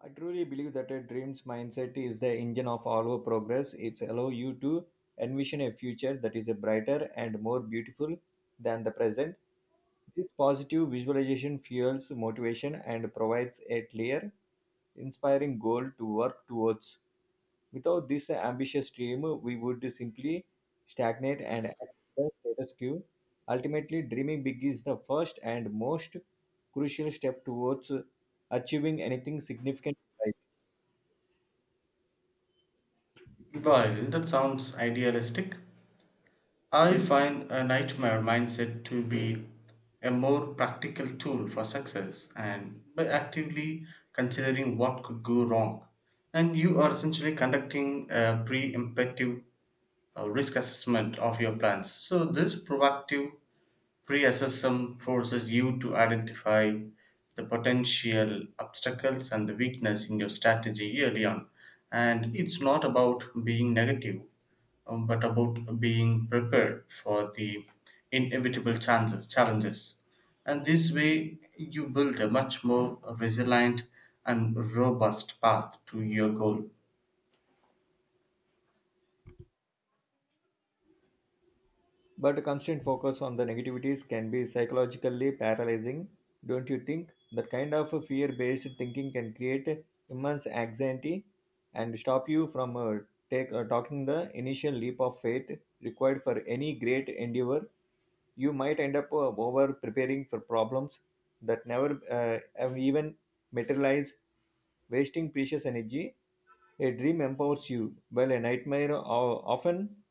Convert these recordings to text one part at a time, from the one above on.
I truly believe that a dreams mindset is the engine of all our progress. It's allow you to envision a future that is a brighter and more beautiful than the present. This positive visualization fuels motivation and provides a clear, inspiring goal to work towards. Without this ambitious dream, we would simply stagnate and accept the status quo. Ultimately, dreaming big is the first and most crucial step towards achieving anything significant in life. Well, that sounds idealistic. I find a nightmare mindset to be a more practical tool for success and by actively considering what could go wrong. And you are essentially conducting a pre-emptive risk assessment of your plans. So, this proactive pre-assessment forces you to identify the potential obstacles and the weakness in your strategy early on. And it's not about being negative but about being prepared for the inevitable chances, challenges. And this way, you build a much more resilient and robust path to your goal. But constant focus on the negativities can be psychologically paralyzing, don't you think? That kind of fear based thinking can create immense anxiety and stop you from taking the initial leap of faith required for any great endeavor. You might end up over preparing for problems that never have even materialize wasting precious energy. A dream empowers you, while a nightmare often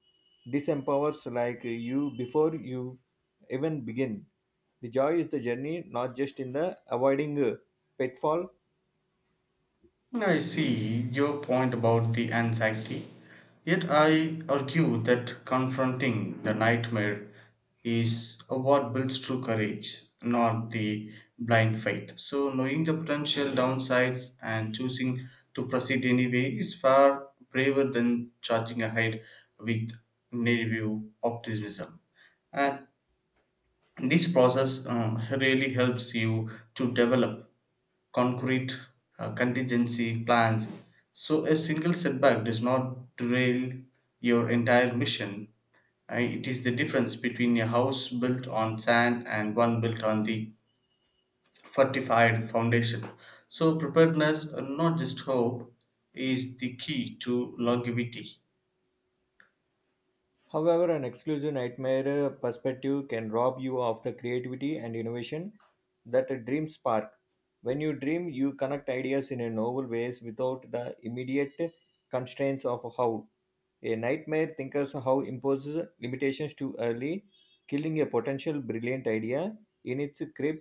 disempowers like you before you even begin. The joy is the journey, not just in the avoiding pitfall. I see your point about the anxiety, yet I argue that confronting the nightmare is what builds true courage, not the blind faith. So, knowing the potential downsides and choosing to proceed anyway is far braver than charging ahead with naive optimism. And this process really helps you to develop concrete contingency plans so a single setback does not derail your entire mission. It is the difference between a house built on sand and one built on the fortified foundation so preparedness not just hope is the key to longevity. However, an exclusive nightmare perspective can rob you of the creativity and innovation that a dream spark. When you dream, you connect ideas in a novel ways without the immediate constraints of how. A nightmare thinkers how imposes limitations too early, killing a potential brilliant idea in its crib?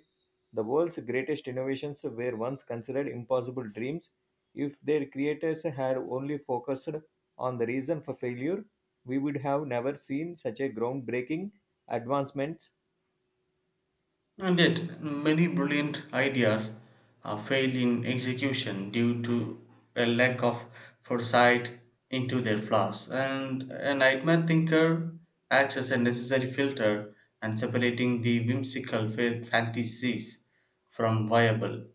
The world's greatest innovations were once considered impossible dreams if their creators had only focused on the reason for failure. We would have never seen such a groundbreaking advancements. And yet, many brilliant ideas fail in execution due to a lack of foresight into their flaws. And a nightmare thinker acts as a necessary filter and separating the whimsical fantasies from viable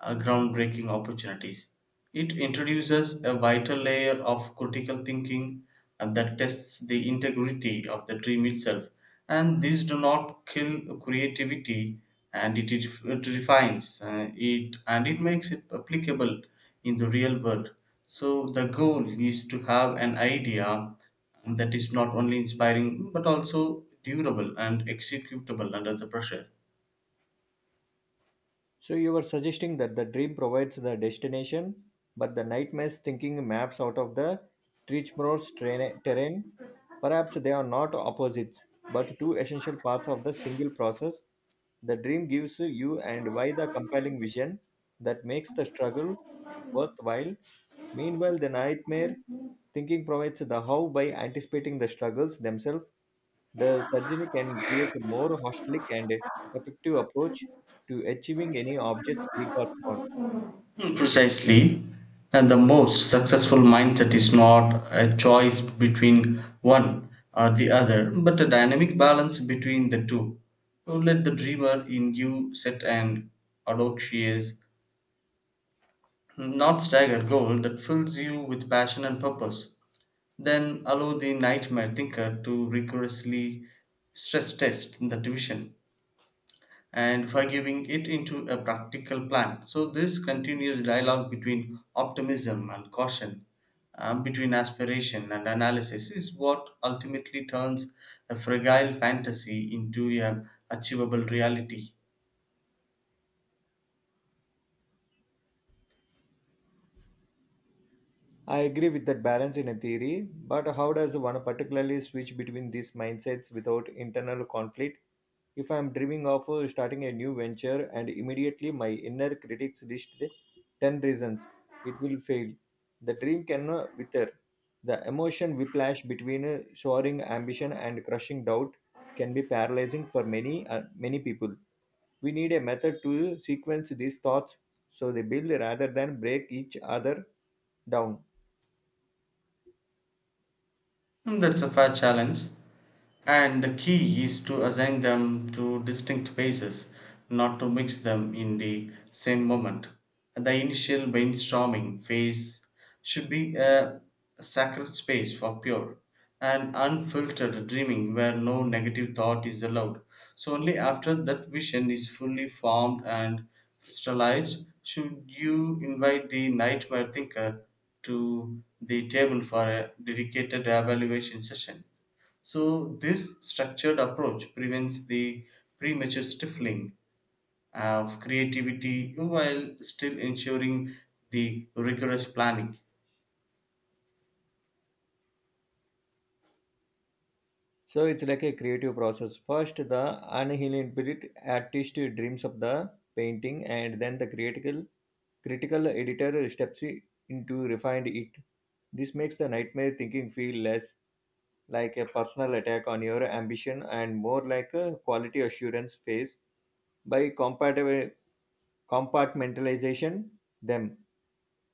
groundbreaking opportunities. It introduces a vital layer of critical thinking and that tests the integrity of the dream itself. And these do not kill creativity, and it refines it and it makes it applicable in the real world. So, the goal is to have an idea that is not only inspiring but also durable and executable under the pressure. So you were suggesting that the dream provides the destination, but the nightmare's thinking maps out of the treacherous terrain. Perhaps they are not opposites, but two essential parts of the single process. The dream gives you and why the compelling vision that makes the struggle worthwhile. Meanwhile, the nightmare thinking provides the how by anticipating the struggles themselves. The surgery can create a more holistic and effective approach to achieving any objects, big or small. Hmm, precisely. And the most successful mindset is not a choice between one or the other, but a dynamic balance between the two. So let the dreamer in you set an audacious, not staggered goal that fills you with passion and purpose. Then allow the nightmare thinker to rigorously stress test the division and forgiving it into a practical plan. So, this continuous dialogue between optimism and caution, between aspiration and analysis, is what ultimately turns a fragile fantasy into an achievable reality. I agree with that balance in a theory, but how does one particularly switch between these mindsets without internal conflict? If I'm dreaming of starting a new venture and immediately my inner critics list the 10 reasons it will fail, the dream can wither. The emotion whiplash between soaring ambition and crushing doubt can be paralyzing for many many people. We need a method to sequence these thoughts so they build rather than break each other down. And that's a fair challenge, and the key is to assign them to distinct phases not to mix them in the same moment. The initial brainstorming phase should be a sacred space for pure and unfiltered dreaming where no negative thought is allowed. So only after that vision is fully formed and crystallized should you invite the nightmare thinker to the table for a dedicated evaluation session. So, this structured approach prevents the premature stifling of creativity while still ensuring the rigorous planning. So it's like a creative process. First, the uninhibited artist dreams of the painting, and then the critical editor steps into refined it. This makes the nightmare thinking feel less like a personal attack on your ambition and more like a quality assurance phase by compartmentalization them.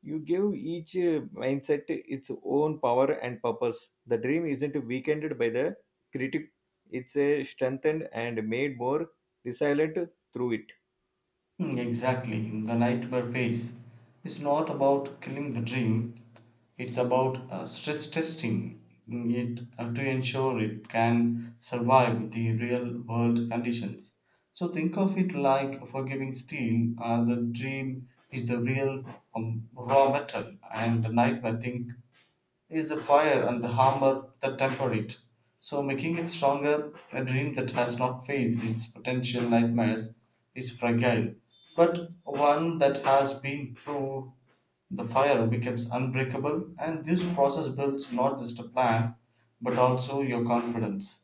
You give each mindset its own power and purpose. The dream isn't weakened by the critic, it's strengthened and made more resilient through it. Hmm, exactly. in The nightmare phase is not about killing the dream, it's about stress testing it to ensure it can survive the real world conditions. So think of it like forgiving steel. The dream is the real raw metal, and the nightmare think is the fire and the hammer that temper it, so making it stronger. A dream that has not faced its potential nightmares is fragile, but one that has been through the fire becomes unbreakable, and this process builds not just a plan but also your confidence.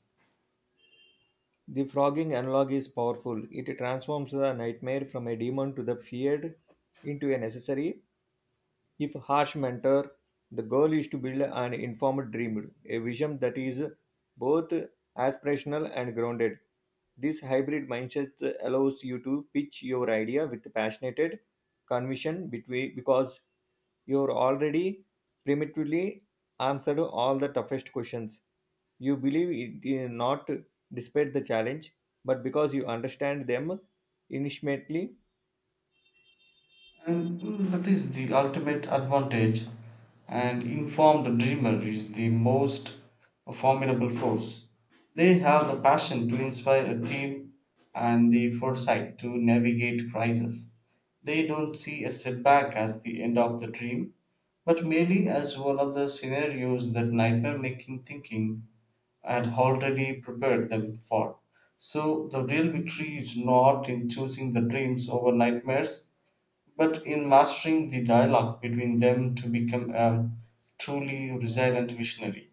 The frogging analog is powerful. It transforms the nightmare from a demon to the feared into a necessary. If harsh mentor, the goal is to build an informed dream, a vision that is both aspirational and grounded. This hybrid mindset allows you to pitch your idea with passionate conviction between because you're already primitively answered all the toughest questions. You believe it is not despite the challenge, but because you understand them intimately. And that is the ultimate advantage. An informed dreamer is the most formidable force. They have the passion to inspire a team and the foresight to navigate crises. They don't see a setback as the end of the dream, but merely as one of the scenarios that nightmare making thinking had already prepared them for. So, the real victory is not in choosing the dreams over nightmares, but in mastering the dialogue between them to become a truly resilient visionary.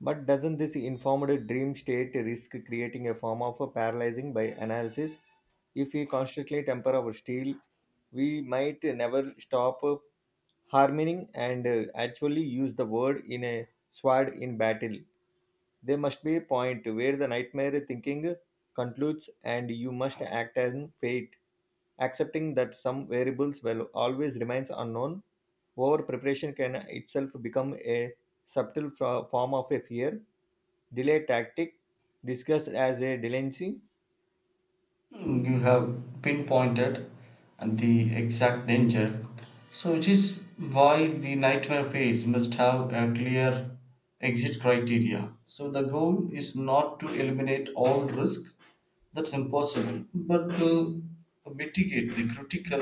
But doesn't this informed dream state risk creating a form of a paralyzing by analysis? If we constantly temper our steel, we might never stop harming and actually use the word in a sword in battle. There must be a point where the nightmare thinking concludes and you must act on fate, accepting that some variables will always remains unknown. Over preparation can itself become a subtle form of a fear, delay tactic discussed as a delinquency. Hmm, you have pinpointed the exact danger. So, which is why the nightmare phase must have a clear exit criteria. So, the goal is not to eliminate all risk, that's impossible, but to mitigate the critical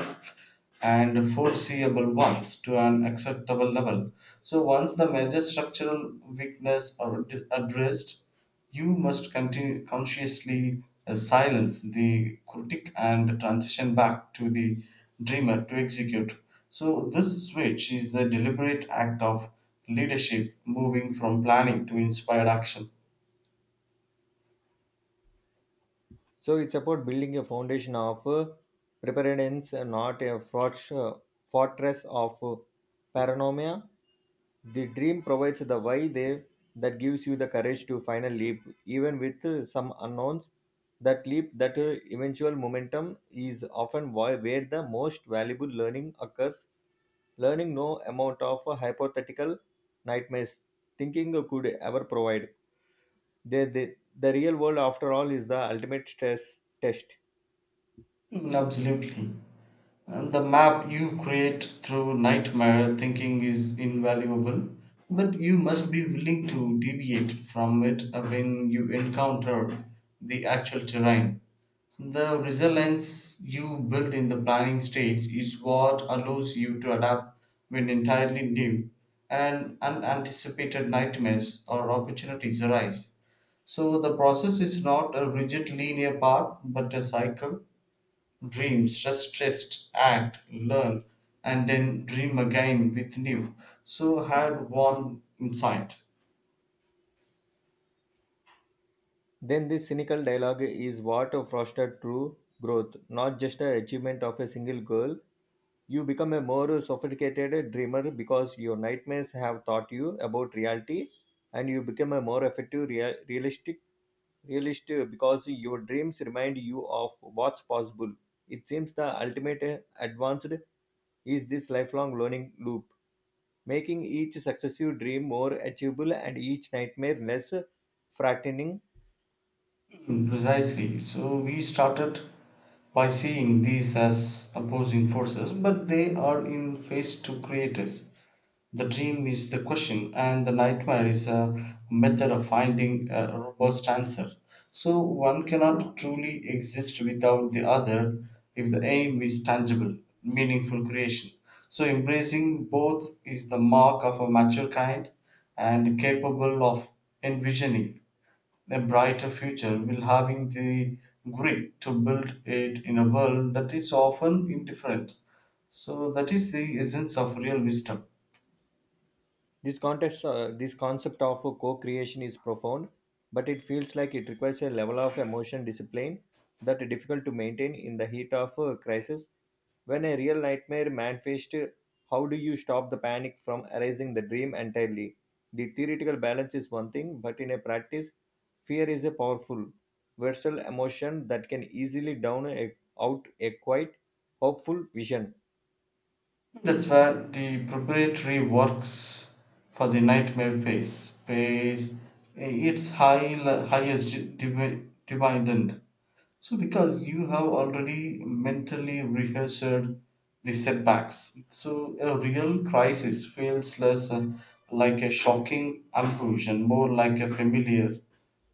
and foreseeable ones to an acceptable level. So, once the major structural weakness are addressed, you must continue consciously silence the critic and transition back to the dreamer to execute. So, this switch is a deliberate act of leadership moving from planning to inspired action. So it's about building a foundation of preparedness, not a fortress of paranoia. The dream provides the why there that gives you the courage to final leap, even with some unknowns. That leap, that eventual momentum is often why, where the most valuable learning occurs. Learning no amount of hypothetical nightmares thinking could ever provide. The real world, after all, is the ultimate stress test. Mm, absolutely. And the map you create through nightmare thinking is invaluable, but you must be willing to deviate from it when you encounter the actual terrain. The resilience you build in the planning stage is what allows you to adapt when entirely new and unanticipated nightmares or opportunities arise. So the process is not a rigid linear path but a cycle dream, just rest, act, learn, and then dream again with new. So had one insight. Then this cynical dialogue is what fostered true growth, not just a achievement of a single goal. You become a more sophisticated dreamer because your nightmares have taught you about reality, and you become a more effective, realistic realist because your dreams remind you of what's possible. It seems the ultimate advanced is this lifelong learning loop, making each successive dream more achievable and each nightmare less frightening. Mm, precisely. So we started by seeing these as opposing forces, but they are in phase to create us. The dream is the question, and the nightmare is a method of finding a robust answer. So one cannot truly exist without the other if the aim is tangible, meaningful creation. So embracing both is the mark of a mature kind and capable of envisioning a brighter future while having the grit to build it in a world that is often indifferent. So that is the essence of real wisdom. This context, this concept of a co-creation is profound, but it feels like it requires a level of emotion discipline that is difficult to maintain in the heat of a crisis. When a real nightmare manifests, how do you stop the panic from erasing the dream entirely? The theoretical balance is one thing, but in a practice, fear is a powerful, versatile emotion that can easily down a, out a quite hopeful vision. That's where the preparatory works for the nightmare phase pays its highest dividend. So, because you have already mentally rehearsed the setbacks, so a real crisis feels less like a shocking ambush and more like a familiar,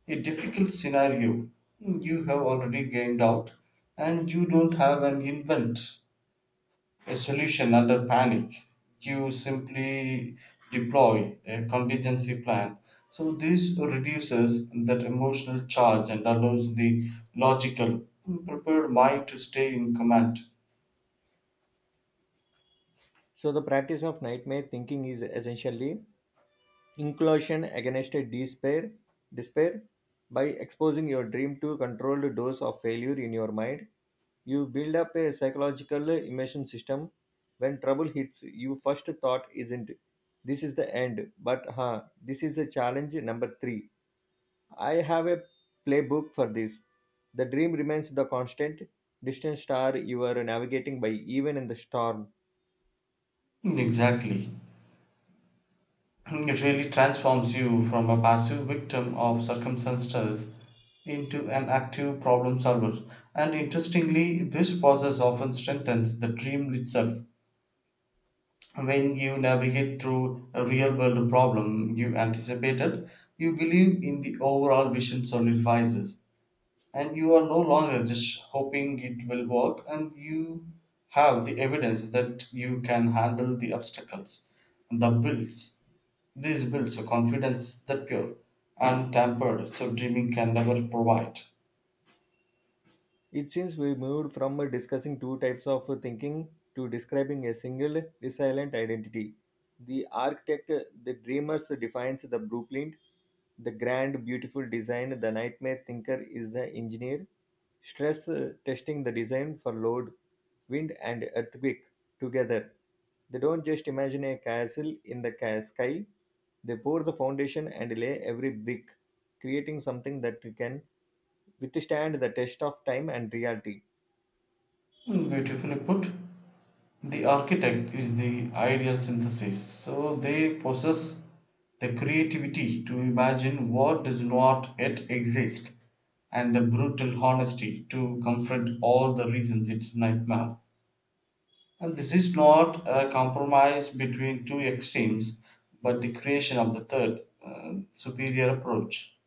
a difficult scenario you have already gained out, and you don't have an invent a solution under panic. You simply deploy a contingency plan. So, this reduces that emotional charge and allows the logical, prepared mind to stay in command. So the practice of nightmare thinking is essentially inclusion against a despair. By exposing your dream to controlled dose of failure in your mind, you build up a psychological immersion system. When trouble hits, you first thought isn't this is the end, but huh, this is a challenge number 3. I have a playbook for this. The dream remains the constant distant star you are navigating by, even in the storm. Exactly. It really transforms you from a passive victim of circumstances into an active problem solver. And interestingly, this process often strengthens the dream itself. When you navigate through a real world problem you anticipated, you believe in the overall vision solidifies, and you are no longer just hoping it will work, and you have the evidence that you can handle the obstacles. The builds this builds a confidence that pure, untampered, so dreaming can never provide. It seems we moved from discussing two types of thinking to describing a single resilient identity. The architect, the dreamers, defines the blueprint. The grand, beautiful design, the nightmare thinker is the engineer. Stress testing the design for load, wind, and earthquake together. They don't just imagine a castle in the sky, they pour the foundation and lay every brick, creating something that can withstand the test of time and reality. Beautifully put. The architect is the ideal synthesis, so they possess the creativity to imagine what does not yet exist and the brutal honesty to confront all the reasons it nightmare. And this is not a compromise between two extremes, but the creation of the third, superior approach.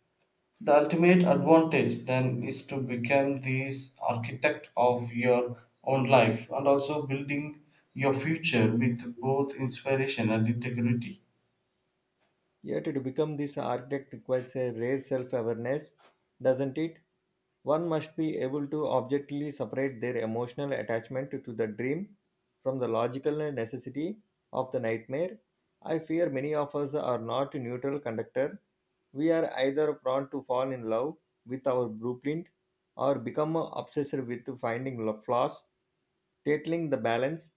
The ultimate advantage then is to become this architect of your own life and also building your future with both inspiration and integrity. Yet, to become this architect requires a rare self awareness, doesn't it? One must be able to objectively separate their emotional attachment to the dream from the logical necessity of the nightmare. I fear many of us are not neutral conductor. We are either prone to fall in love with our blueprint or become obsessed with finding flaws. Tackling the balance,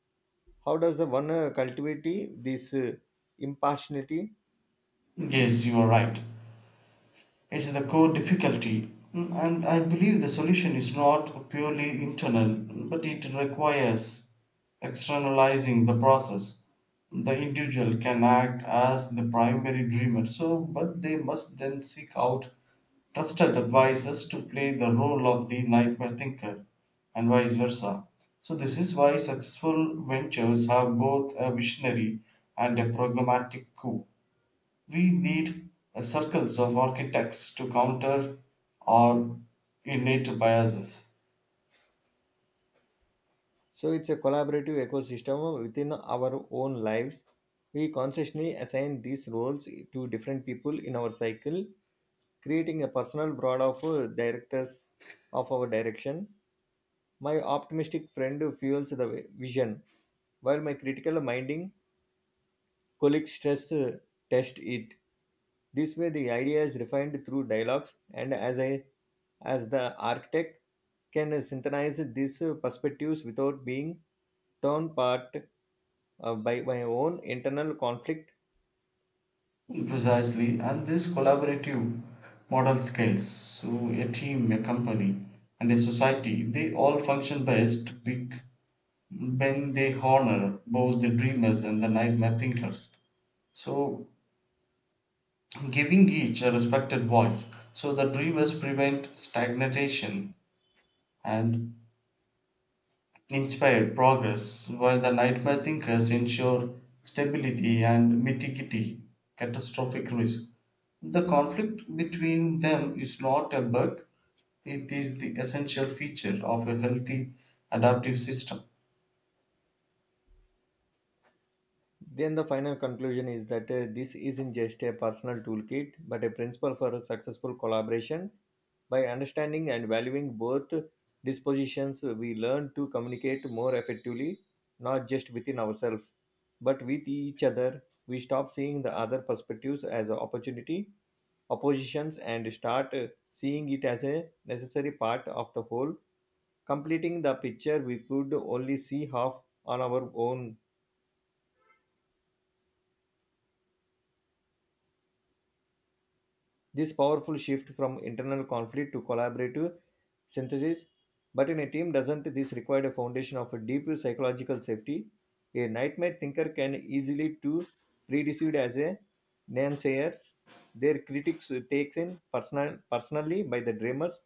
how does the one cultivate this impartiality? Yes, you are right. It's the core difficulty. And I believe the solution is not purely internal, but it requires externalizing the process. The individual can act as the primary dreamer, so but they must then seek out trusted advisors to play the role of the nightmare thinker and vice versa. So, this is why successful ventures have both a visionary and a programmatic coup. We need circles of architects to counter our innate biases. So it's a collaborative ecosystem within our own lives. We consciously assign these roles to different people in our cycle, creating a personal broad of directors of our direction. My optimistic friend fuels the vision, while my critical minding colleagues stress test it. This way, the idea is refined through dialogues, and as I, as the architect, can synthesize these perspectives without being torn apart by my own internal conflict. Precisely, and this collaborative model scales. So, a team, a company, and a society they all function best big then they honor both the dreamers and the nightmare thinkers. So, giving each a respected voice, so the dreamers prevent stagnation and inspire progress, while the nightmare thinkers ensure stability and mitigate catastrophic risk. The conflict between them is not a bug, it is the essential feature of a healthy adaptive system. Then the final conclusion is that this isn't just a personal toolkit, but a principle for successful collaboration. By understanding and valuing both dispositions, we learn to communicate more effectively, not just within ourselves, but with each other. We stop seeing the other perspectives as an opportunity, oppositions, and start seeing it as a necessary part of the whole, completing the picture we could only see half on our own. This powerful shift from internal conflict to collaborative synthesis. But in a team, doesn't this require a foundation of a deep psychological safety? A nightmare thinker can easily to preconceived as a naysayer. Their critics takes in personally by the dreamers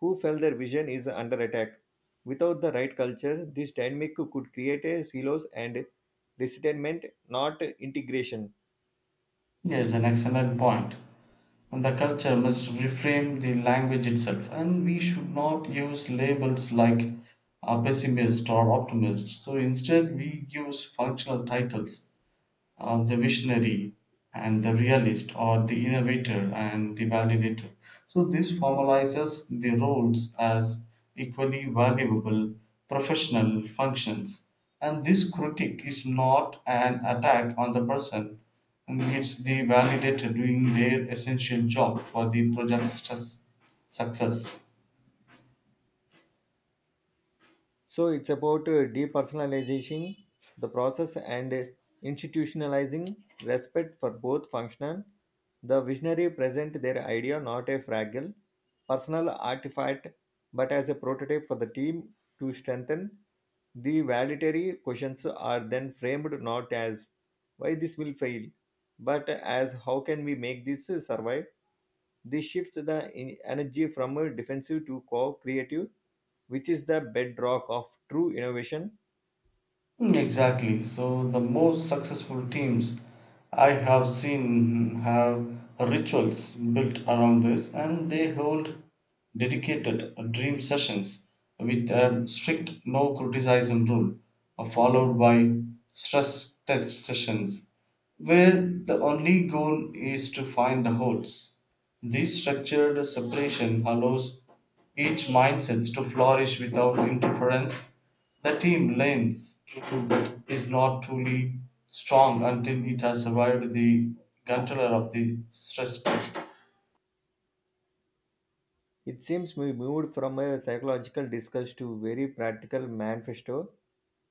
who felt their vision is under attack. Without the right culture, this dynamic could create a silos and resentment, not integration. Yes, an excellent point. And the culture must reframe the language itself and we should not use labels like a pessimist or optimist so instead we use functional titles the visionary and the realist or the innovator and the validator. So this formalizes the roles as equally valuable professional functions. And this critique is not an attack on the person, and it's the validator doing their essential job for the project's success. So it's about depersonalization, the process, and institutionalizing respect for both function. The visionary present their idea not a fragile, personal artifact, but as a prototype for the team to strengthen. The validatory questions are then framed not as why this will fail, but as how can we make this survive. This shifts the energy from defensive to co-creative, which is the bedrock of true innovation. Mm, exactly. So the most successful teams I have seen have rituals built around this and they hold dedicated dream sessions with a strict no criticism rule followed by stress test sessions where the only goal is to find the holes. This structured separation allows each mind to flourish without interference. The team learns to do that is not truly strong until it has survived the guntler of the stress test. It seems we moved from a psychological discourse to very practical manifesto.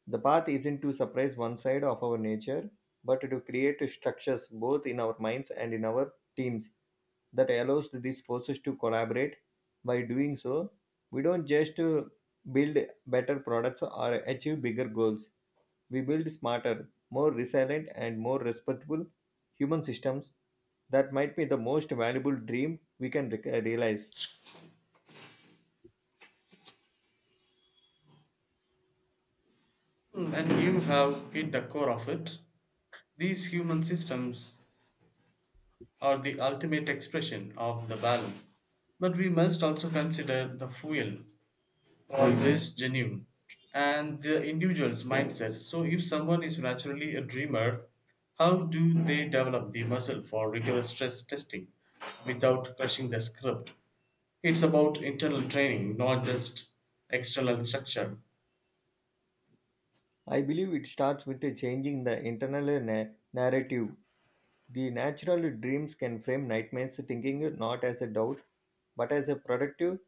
The path isn't to surprise one side of our nature, but to create structures both in our minds and in our teams that allows these forces to collaborate. By doing so, we don't just build better products or achieve bigger goals. We build smarter, more resilient, and more respectable human systems that might be the most valuable dream we can realize. And you have hit the core of it. These human systems are the ultimate expression of the balance. But we must also consider the fuel always genuine and the individual's mindset. So, if someone is naturally a dreamer, how do they develop the muscle for rigorous stress testing without crushing the script? It's about internal training, not just external structure. I believe it starts with changing the internal narrative. The natural dreams can frame nightmares thinking not as a doubt, but as a productive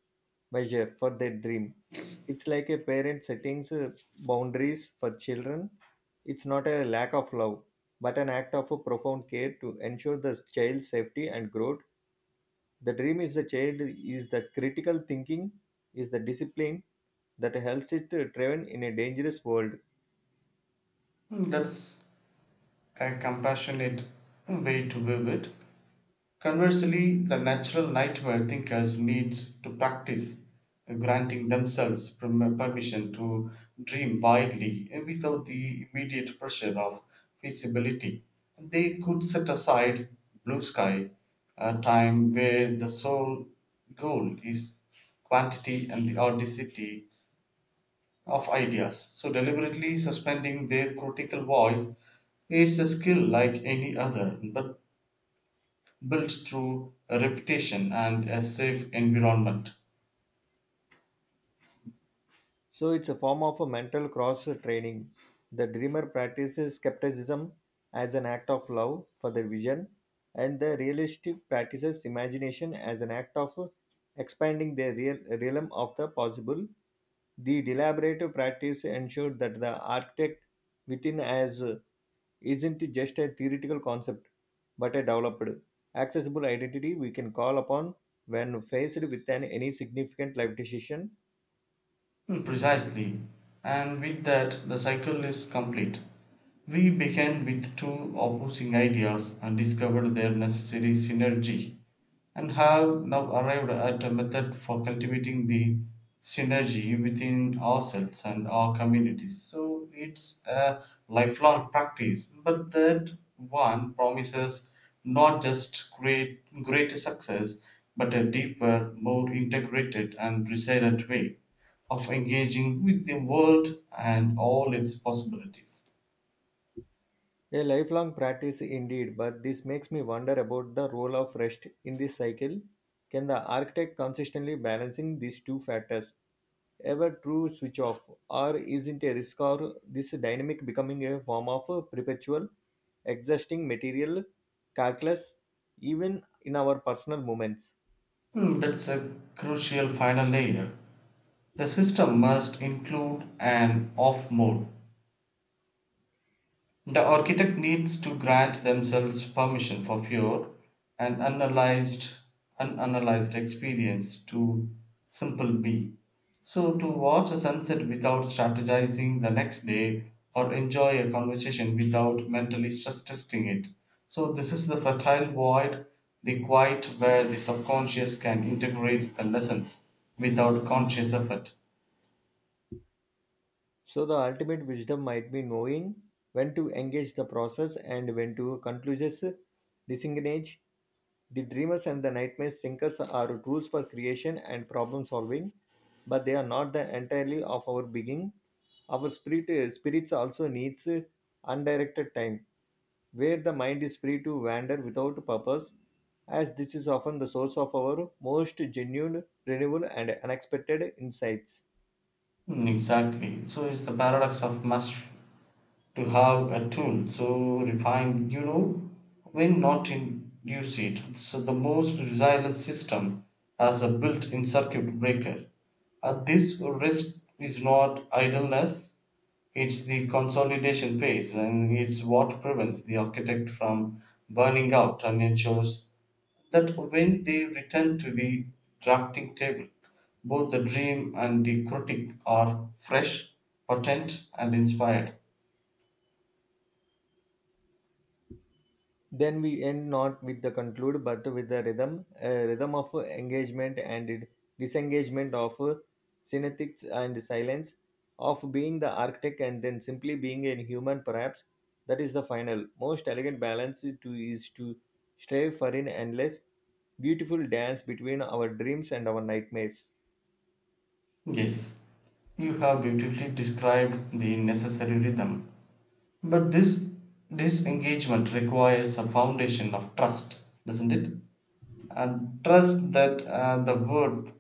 measure for their dream. It's like a parent setting boundaries for children. It's not a lack of love, but an act of a profound care to ensure the child's safety and growth. The dream is the child is the critical thinking, is the discipline that helps it to thrive in a dangerous world. Hmm, that's a compassionate way to view it. Conversely, the natural nightmare thinkers need to practice granting themselves permission to dream widely without the immediate pressure of feasibility. They could set aside blue sky, a time where the sole goal is quantity and the audacity of ideas. So, deliberately suspending their critical voice is a skill like any other, but built through a reputation and a safe environment. So it's a form of a mental cross training. The dreamer practices skepticism as an act of love for their vision, and the realistic practices imagination as an act of expanding their realm of the possible. The deliberative practice ensures that the architect within as isn't just a theoretical concept, but a developed, accessible identity we can call upon when faced with any significant life decision. Mm, precisely, and with that the cycle is complete. We began with two opposing ideas and discovered their necessary synergy, and have now arrived at a method for cultivating the synergy within ourselves and our communities. So it's a lifelong practice, but that one promises not just greater success, but a deeper, more integrated and resilient way of engaging with the world and all its possibilities. A lifelong practice indeed, but this makes me wonder about the role of rest in this cycle. Can the architect consistently balancing these two factors ever true switch off, or is not a risk or this dynamic becoming a form of a perpetual, exhausting material calculus even in our personal moments? Hmm, that's a crucial final layer. The system must include an off mode. The architect needs to grant themselves permission for pure and unanalyzed experience to simple be. So to watch a sunset without strategizing the next day or enjoy a conversation without mentally stress testing it. So this is the fertile void, the quiet where the subconscious can integrate the lessons without conscious effort. So, the ultimate wisdom might be knowing when to engage the process and when to conclusions disengage. The dreamers and the nightmare thinkers are tools for creation and problem solving, but they are not the entirely of our being. Our spirits also needs undirected time, where the mind is free to wander without purpose, as this is often the source of our most genuine, renewable, and unexpected insights. Mm, exactly. So it's the paradox of to have a tool so refined you know when not to use it. So the most resilient system has a built-in circuit breaker. This risk is not idleness, it's the consolidation phase, and it's what prevents the architect from burning out and ensures that when they return to the drafting table, both the dream and the critic are fresh, potent, and inspired. Then we end not with the conclude, but with the rhythm of engagement and disengagement of and silence, of being the architect and then simply being a human. Perhaps that is the final, most elegant balance. To is to strive for an endless, beautiful dance between our dreams and our nightmares. Yes. You have beautifully described the necessary rhythm. But this disengagement requires a foundation of trust, doesn't it? And trust that the world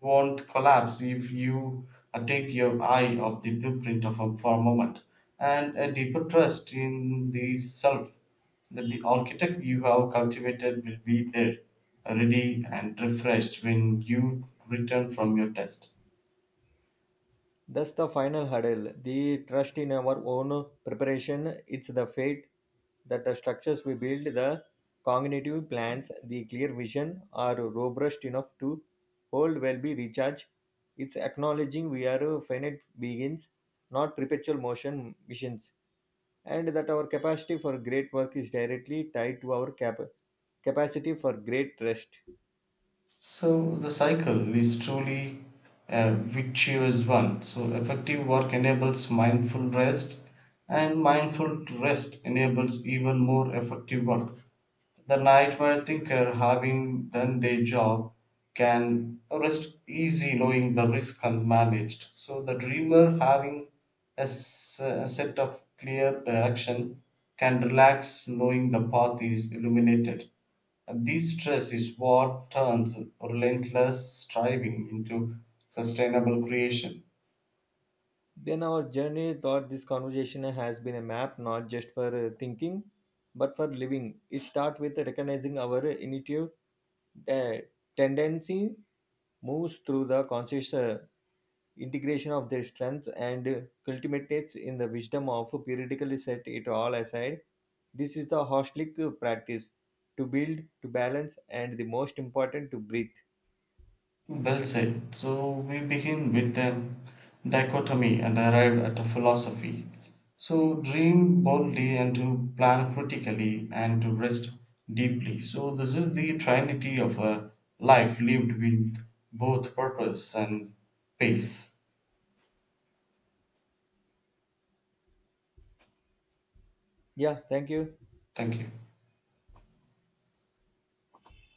won't collapse if you take your eye off the blueprint for a moment, and a deeper trust in the self that the architect you have cultivated will be there, ready and refreshed when you return from your test. That's the final hurdle. The trust in our own preparation. It's the fate that the structures we build, the cognitive plans, the clear vision are robust enough to hold well be recharged. It's acknowledging we are finite beings, not perpetual motion missions, and that our capacity for great work is directly tied to our capacity for great rest. So the cycle is truly a virtuous one. So effective work enables mindful rest, and mindful rest enables even more effective work. The nightmare thinker, having done their job, can rest easy knowing the risk and managed. So the dreamer, having a set of clear direction, can relax knowing the path is illuminated. And this stress is what turns relentless striving into sustainable creation. Then our journey thought this conversation has been a map not just for thinking but for living. It starts with recognizing our intuitive uh, tendency, moves through the conscious integration of their strengths, and culminates in the wisdom of periodically set it all aside. This is the hostlic practice to build, to balance, and the most important to breathe. Well said. So we begin with a dichotomy and arrived at a philosophy. So dream boldly and to plan critically and to rest deeply. So this is the trinity of a life lived with both purpose and pace. Yeah, thank you. Thank you.